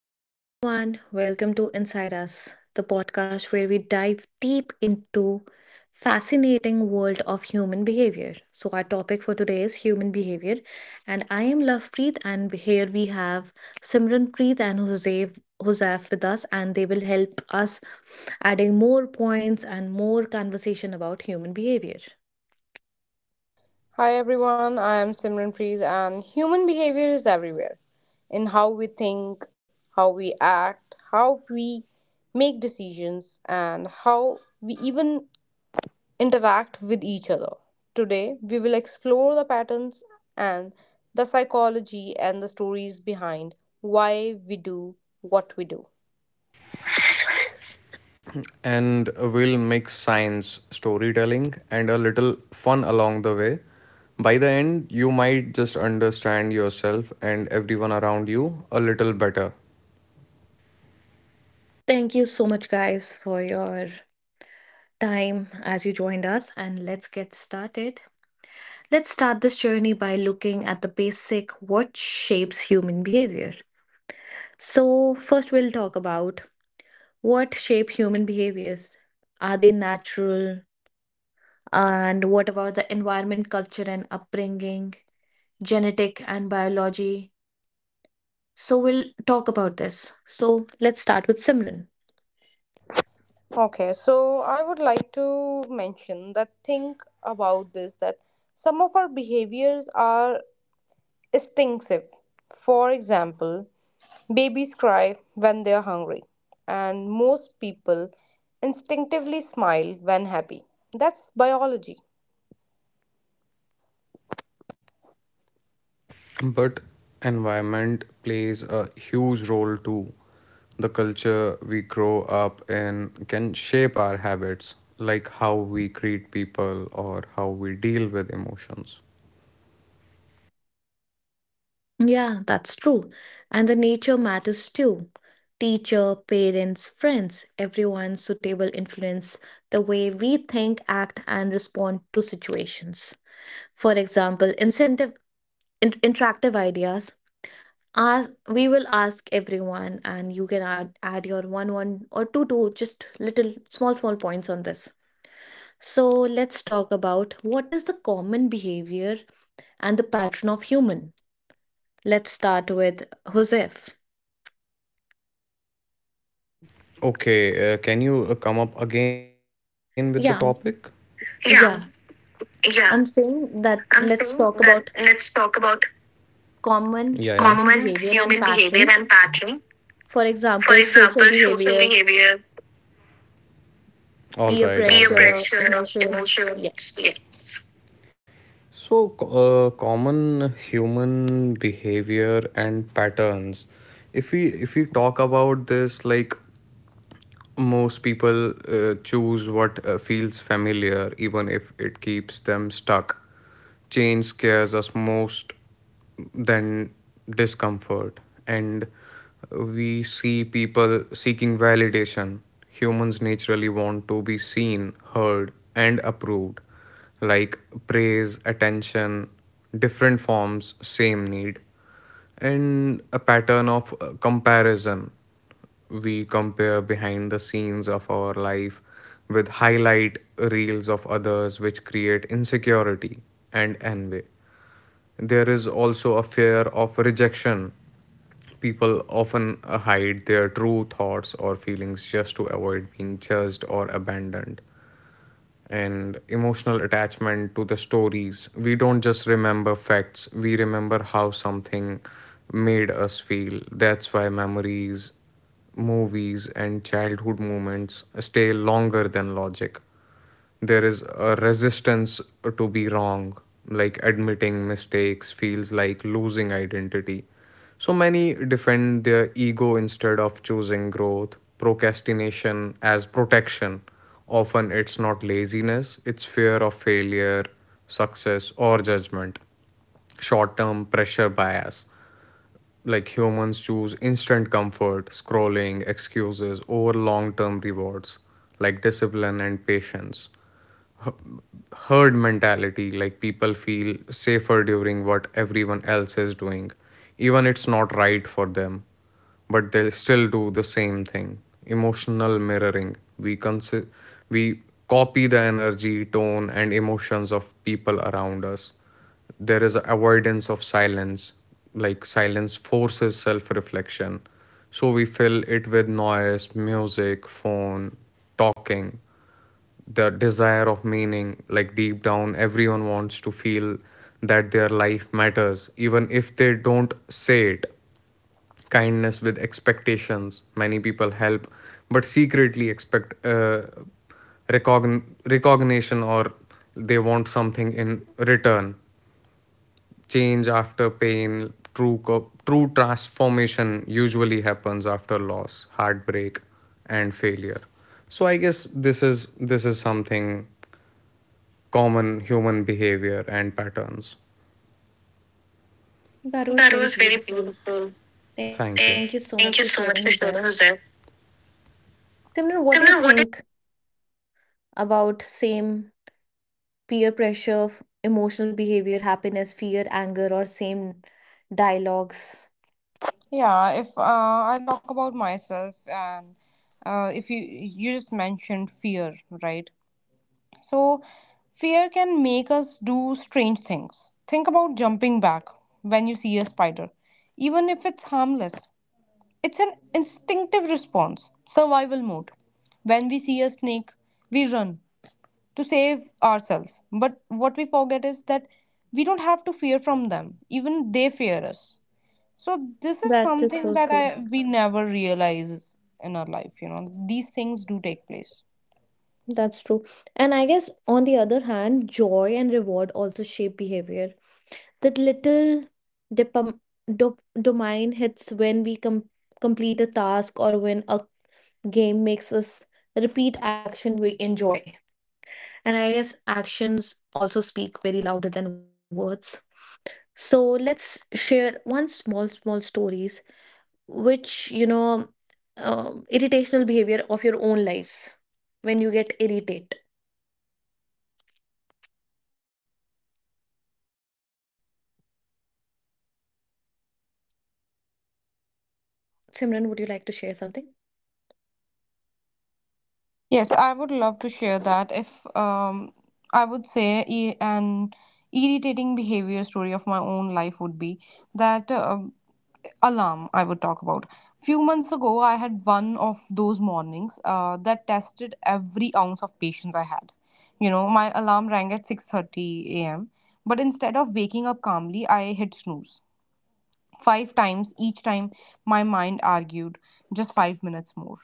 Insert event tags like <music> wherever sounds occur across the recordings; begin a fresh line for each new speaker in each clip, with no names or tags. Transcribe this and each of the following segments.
Hello, everyone. Welcome to Inside Us, the podcast where we dive deep into fascinating world of human behavior. So our topic for today is human behavior, and I am Lovepreet, and here we have Simranpreet and Hosef with us, and they will help us adding more points and more conversation about human behavior.
Hi everyone, I am Simran Preet, and human behavior is everywhere in how we think, how we act, how we make decisions, and how we even interact with each other. Today, we will explore the patterns and the psychology and the stories behind why we do what we do.
And we'll mix science, storytelling, and a little fun along the way. By the end, you might just understand yourself and everyone around you a little better.
Thank you so much, guys, for your time as you joined us, and let's get started. Let's start this journey by looking at the basic what shapes human behavior. So, first we'll talk about what shape human behaviors. Are they natural? And what about the environment, culture, and upbringing, genetic and biology? So, we'll talk about this. So, let's start with Simran.
Okay, so I would like to mention that think about this that some of our behaviors are instinctive. For example, babies cry when they are hungry, and most people instinctively smile when happy. That's biology.
But environment plays a huge role too. The culture we grow up in can shape our habits, like how we treat people or how we deal with emotions.
Yeah, that's true. And the nature matters too. Teacher, parents, friends, everyone's suitable influence the way we think, act, and respond to situations. For example, incentive interactive ideas. Ask, we will ask everyone, and you can add your one or two just little small points on this. So let's talk about what is the common behavior and the pattern of human. Let's start with Josef.
Okay, can you come up again with the topic?
Yeah,
Yeah,
yeah.
yeah.
I'm
I'm
saying that
saying that
let's talk
let's
about
talk about. Yeah, yeah.
common
Common
human
human
behavior and
behavior and
pattern.
pattern.
For
For
example,
example,
social
social
behavior,
behavior. All
peer
right, peer, all right,
pressure,
pressure,
emotions.
emotions.
Yes.
Yes. So, common human behavior and patterns. If we talk about this, like most people choose what feels familiar, even if it keeps them stuck. Change scares us most than discomfort, and we see people seeking validation. Humans naturally want to be seen, heard, and approved, like praise, attention, different forms, same need, and a pattern of comparison. We compare behind the scenes of our life with highlight reels of others, which create insecurity and envy. There is also a fear of rejection. People often hide their true thoughts or feelings just to avoid being judged or abandoned, and emotional attachment to the stories. We don't just remember facts, we remember how something made us feel. That's why memories, movies, and childhood moments stay longer than logic. There is a resistance to be wrong, like admitting mistakes feels like losing identity, so many defend their ego instead of choosing growth. Procrastination as protection. Often it's not laziness, it's fear of failure, success, or judgment. Short term pressure bias, like humans choose instant comfort, scrolling, excuses over long term rewards like discipline and patience. Herd mentality, like people feel safer during what everyone else is doing, even it's not right for them, but they'll still do the same thing. Emotional mirroring, we copy the energy, tone, and emotions of people around us. There is avoidance of silence, like silence forces self reflection, so we fill it with noise, music, phone, talking. The desire of meaning, like deep down everyone wants to feel that their life matters, even if they don't say it. Kindness with expectations, many people help but secretly expect recognition, or they want something in return. Change after pain, true transformation usually happens after loss, heartbreak, and failure. So I guess this is something, common human behavior and patterns.
That
That
was very
was very
beautiful.
beautiful.
Thank you
Thank
so
you.
much for sharing,
Thank you so
Jose.
much for sharing, Jose.
Simran, what do you
Simran, what.
think about same peer pressure, emotional behavior, happiness, fear, anger, or same dialogues?
Yeah, if I'll talk about myself, and if you just mentioned fear, right? So fear can make us do strange things. Think about jumping back when you see a spider, even if it's harmless. It's an instinctive response, survival mode. When we see a snake, we run to save ourselves. But what we forget is that we don't have to fear from them. Even they fear us. So this is
That is so
something that
true.
I we never realize in our life, you know. These things do take place.
That's true. And I guess on the other hand, joy and reward also shape behavior. That little dopam- dopamine hits when we complete a task or when a game makes us repeat action we enjoy. And I guess actions also speak very louder than words. So let's share one small stories which, you know, irritational behavior of your own lives when you get irritated. Simran, would you like to share something?
Yes, I would love to share that. If I would say an irritating behavior story of my own life would be that alarm I would talk about. Few months ago, I had one of those mornings that tested every ounce of patience I had. You know, my alarm rang at 6:30 a.m., but instead of waking up calmly, I hit snooze. Five times each time my mind argued just 5 minutes more.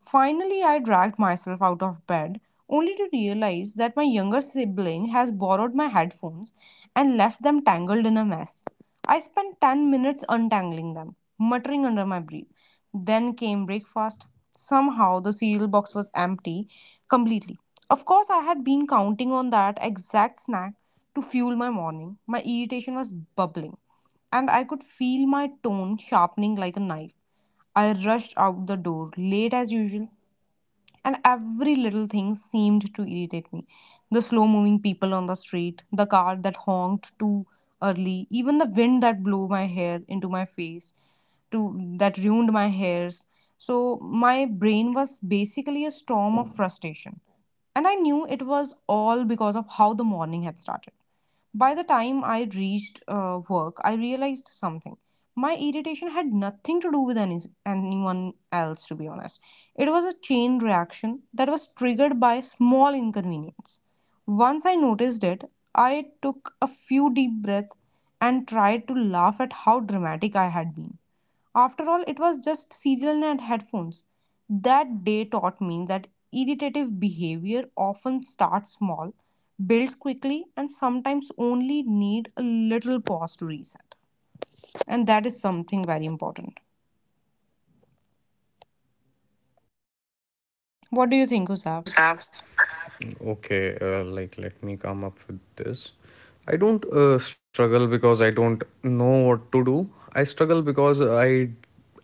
Finally, I dragged myself out of bed, only to realize that my younger sibling has borrowed my headphones and left them tangled in a mess. I spent 10 minutes untangling them, muttering under my breath. Then came breakfast. Somehow, the cereal box was empty completely. Of course, I had been counting on that exact snack to fuel my morning. My irritation was bubbling, and I could feel my tone sharpening like a knife. I rushed out the door late as usual, and every little thing seemed to irritate me. The slow moving people on the street, the car that honked too early, even the wind that blew my hair into my face, to that ruined my hairs. So my brain was basically a storm of frustration. And I knew it was all because of how the morning had started. By the time I reached work, I realized something. My irritation had nothing to do with anyone else, to be honest. It was a chain reaction that was triggered by small inconvenience. Once I noticed it, I took a few deep breaths and tried to laugh at how dramatic I had been. After all, it was just cereal and headphones. That day taught me that irritative behavior often starts small, builds quickly, and sometimes only need a little pause to reset. And that is something very important. What do you think, Husav?
Gustav. Okay, like let me come up with this. I don't struggle because I don't know what to do. I struggle because I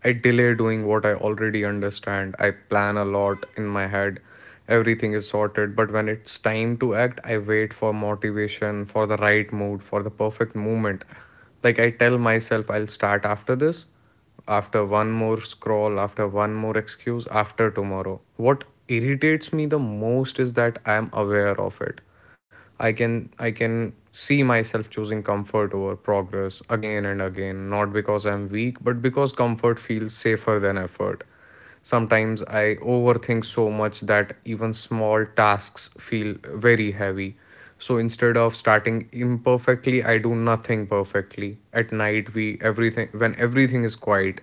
I delay doing what I already understand. I plan a lot in my head. Everything is sorted, but when it's time to act, I wait for motivation, for the right mood, for the perfect moment. Like, I tell myself I'll start after this, after one more scroll, after one more excuse, after tomorrow. What irritates me the most is that I am aware of it. I can see myself choosing comfort over progress again and again, not because I'm weak, but because comfort feels safer than effort. Sometimes I overthink so much that even small tasks feel very heavy. So instead of starting imperfectly, I do nothing perfectly. At night, we everything when everything is quiet,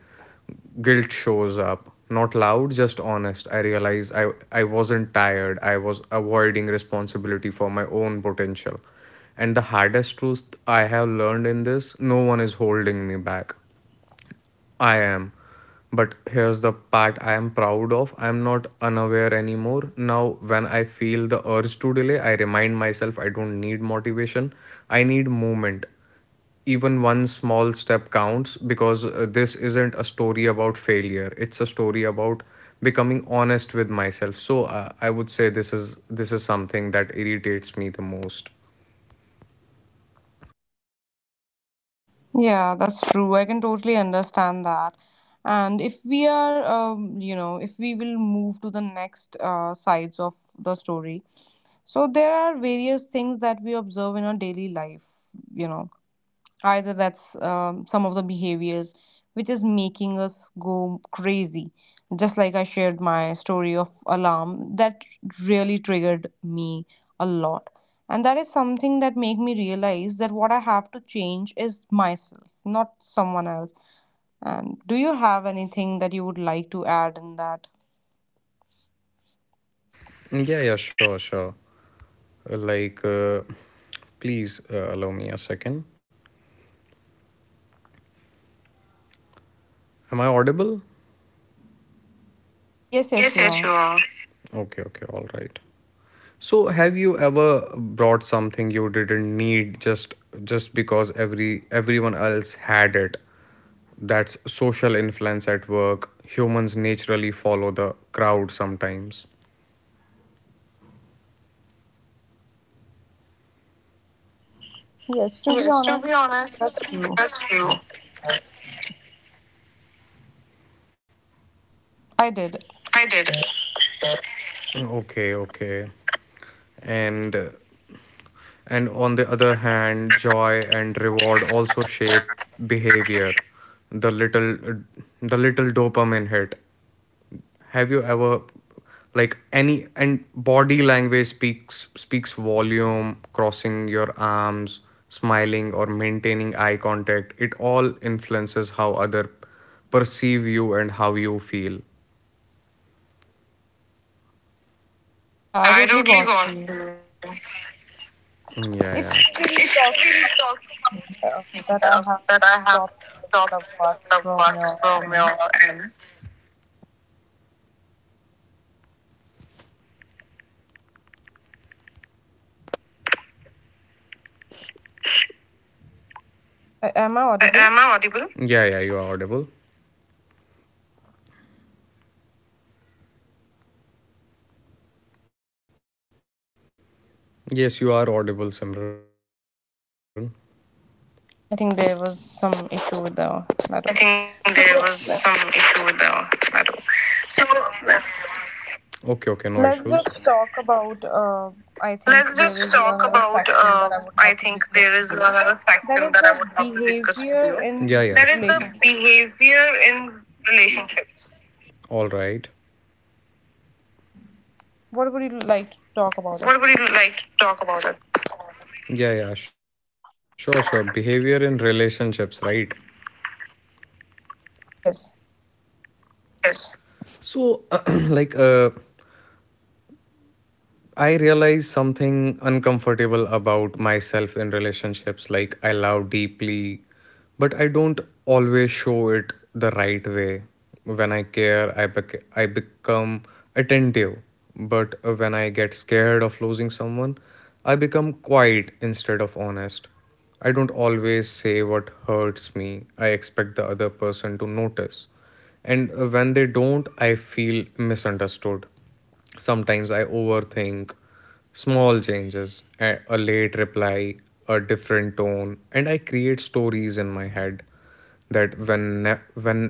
guilt shows up. Not loud, just honest. I realize I wasn't tired. I was avoiding responsibility for my own potential. And the hardest truth I have learned in this, no one is holding me back. I am. But here's the part I am proud of. I am not unaware anymore. Now, when I feel the urge to delay, I remind myself I don't need motivation. I need movement. Even one small step counts, because this isn't a story about failure. It's a story about becoming honest with myself. So, I would say this is something that irritates me the most.
Yeah, that's true. I can totally understand that. And if we are, you know, if we will move to the next sides of the story, so there are various things that we observe in our daily life, you know, either that's some of the behaviors which is making us go crazy, just like I shared my story of alarm that really triggered me a lot, and that is something that made me realize that what I have to change is myself, not someone else. And do you have anything that you would like to add in that?
Yeah, yeah, sure, sure. Like, please allow me a second. Am I audible?
Yes,
Yes,
you
yes,
are.
sure. Okay, okay, all right. So, have you ever brought something you didn't need, just because everyone else had it? That's social influence at work. Humans naturally follow the crowd sometimes.
Yes, to be
Yes, to be
honest,
honest,
that's true.
that's true.
I did.
I did. Okay, okay. And uh, And on the other hand, joy and reward also shape behavior. The little the little dopamine hit. Have you ever, like, any, and body language speaks volume, crossing your arms, smiling, or maintaining eye contact. It all influences how other perceive you and how you feel.
Yeah, I
I
totally
totally
got
got
you.
you.
If
Yeah, yeah.
we'll
If
talk
we talk to
uh, that I
uh,
have
that I
a
have
topic that I
stopped
would love to ask
the
from
words
your
from
end.
your end.
I, am I audible?
Am I audible? Yeah, yeah, you are audible. Yes, you are audible, Simran.
I
I
think there
think
was some
there was
issue
some
with the
issue with
network.
the metal.
So
So, okay, okay, no issues.
let's just
Let's
talk
just
about.
talk about.
I think
I
there is
think there
another
is
section
another
that I would
factor
love to
that I would
discuss
love to
with you.
discuss with you.
That is
Yeah,
the
yeah. That is the
behavior in
behavior in
relationships.
relationships. All right.
What would you
What
like to
would you
talk
like
about
to
it?
talk about it? Yeah, yeah, sure, sure. Behavior in relationships, right?
Yes.
Yes. So, <clears throat> like, I realize something uncomfortable about myself in relationships. Like, I love deeply, but I don't always show it the right way. When I care, I become attentive, but when I get scared of losing someone, I become quiet instead of honest. I don't always say what hurts me. I expect the other person to notice. And when they don't, I feel misunderstood. Sometimes I overthink small changes, a late reply, a different tone, and I create stories in my head that when ne- when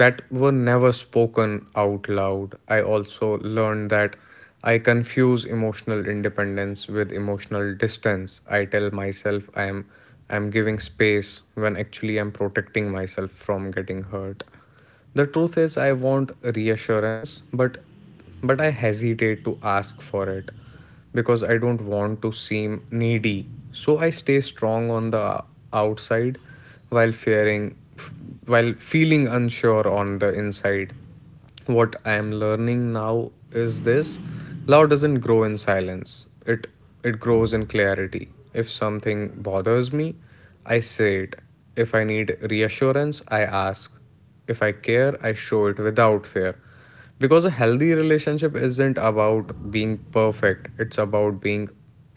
that were never spoken out loud. I also learned that I confuse emotional independence with emotional distance. I tell myself I'm giving space when actually I'm protecting myself from getting hurt. The truth is I want reassurance, but I hesitate to ask for it because I don't want to seem needy. So I stay strong on the outside while fearing while feeling unsure on the inside. What I am learning now is this: love doesn't grow in silence, it it grows in clarity. If something bothers me, I say it. If I need reassurance, I ask. If I care, I show it without fear, because a healthy relationship isn't about being perfect, it's about being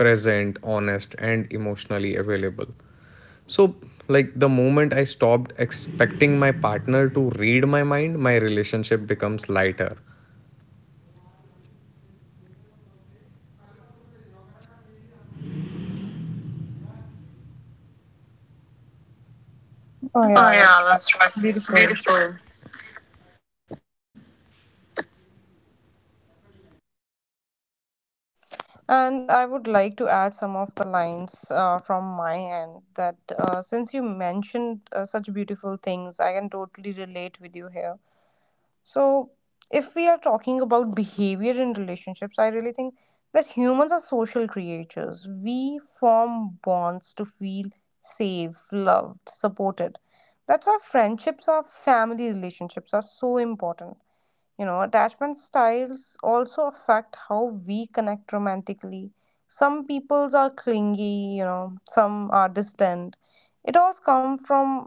present, honest, and emotionally available. So, like, the moment I stopped expecting my partner to read my mind, my relationship becomes lighter.
Oh
Oh,
yeah,
yeah,
that's right.
that's right.
It's beautiful.
Beautiful.
And I would like to add some of the lines from my end that since you mentioned such beautiful things, I can totally relate with you here. So, if we are talking about behavior in relationships, I really think that humans are social creatures. We form bonds to feel safe, loved, supported. That's why friendships or family relationships are so important. You know, attachment styles also affect how we connect romantically. Some peoples are clingy, you know, some are distant. It all comes from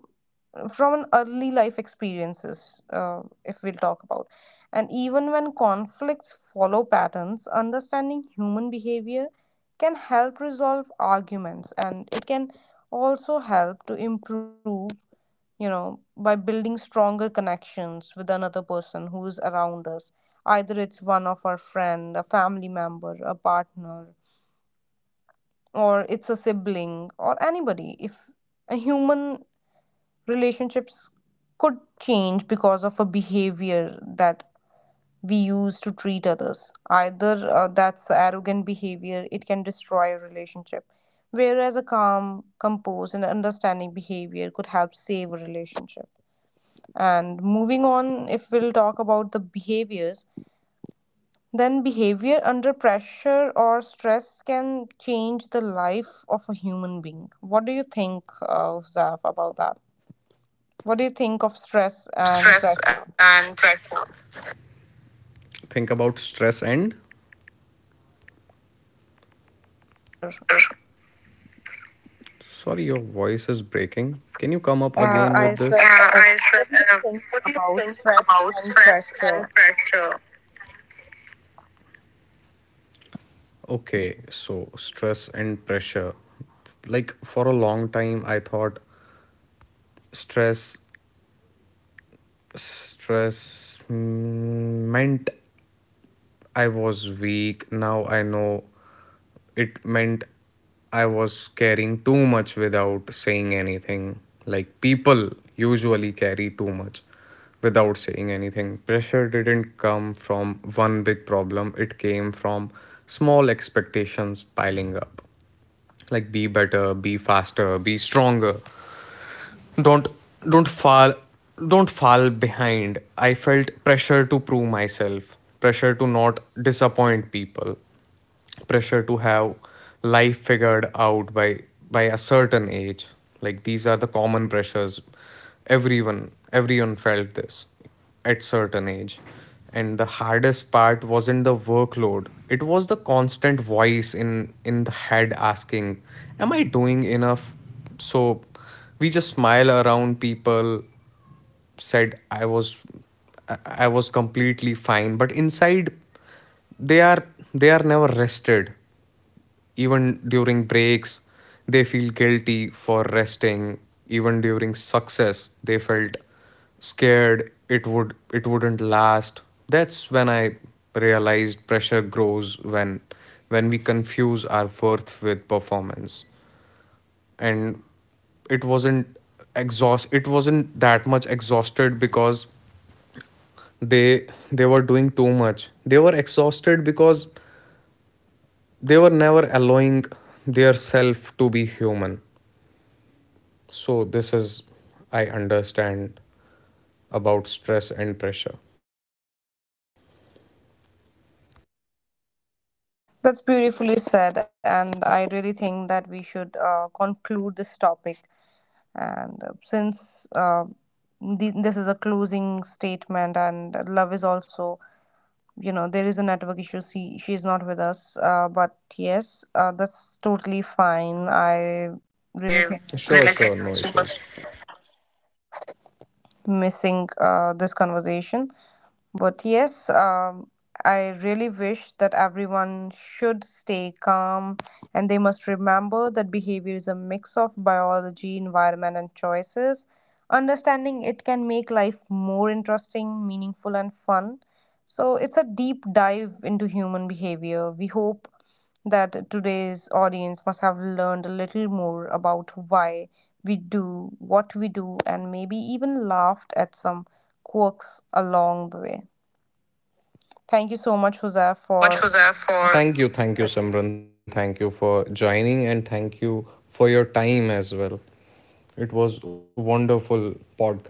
from an early life experiences, if we'll talk about. And even when conflicts follow patterns, understanding human behavior can help resolve arguments, and it can also help to improve, you know, by building stronger connections with another person who is around us. Either it's one of our friend, a family member, a partner, or it's a sibling or anybody. If a human relationships could change because of a behavior that we use to treat others, either that's arrogant behavior, it can destroy a relationship. Whereas a calm, composed, and understanding behavior could help save a relationship. And moving on, if we'll talk about the behaviors, then behavior under pressure or stress can change the life of a human being. What do you think, Zaf, about that? What do you think of stress
Think of
and
stress
pressure?
and pressure. Think about stress and.
Pressure.
Sorry, your voice is breaking. Can you come up again
I
with this?
said, uh,
I said,
what do you
um,
think
what do you
about
think
stress
about
and
stress and
pressure?
pressure? Okay, so stress and pressure. Like, for a long time, I thought stress stress meant I was weak. Now I know it meant I was carrying too much without saying anything. Like, people usually carry too much without saying anything. Pressure didn't come from one big problem, it came from small expectations piling up. Like, be better, be faster, be stronger. Don't don't fall don't fall behind. I felt pressure to prove myself, pressure to not disappoint people, pressure to have life figured out by a certain age. Like, these are the common pressures, everyone felt this at certain age. And the hardest part wasn't the workload, it was the constant voice in the head asking, am I doing enough? So we just smile around people, said I was completely fine, but inside they are they are never rested. Even during breaks, they feel guilty for resting. Even during success, they felt scared it wouldn't last. That's when I realized pressure grows when we confuse our worth with performance. And it wasn't it wasn't that much exhausted because they were doing too much, they were exhausted because they were never allowing their self to be human. So, this is, I understand about stress and pressure.
That's beautifully said, and I really think that we should conclude this topic, and since this is a closing statement, and love is also, you know, there is a network issue. She is not with us, but yes, that's totally fine. I really
I
think that she
sure, really
must
sure, no, you so much issues.
missing this conversation. But yes, I really wish that everyone should stay calm, and they must remember that behavior is a mix of biology, environment, and choices. Understanding it can make life more interesting, meaningful, and fun. So it's a deep dive into human behavior. We hope that today's audience must have learned a little more about why we do what we do, and maybe even laughed at some quirks along the way. Thank you so much,
Thank
Jose,
you so much,
for
Fuzaf, for. Thank you, Simran. Thank you for joining, and thank you for your time as well. It was a wonderful podcast with you.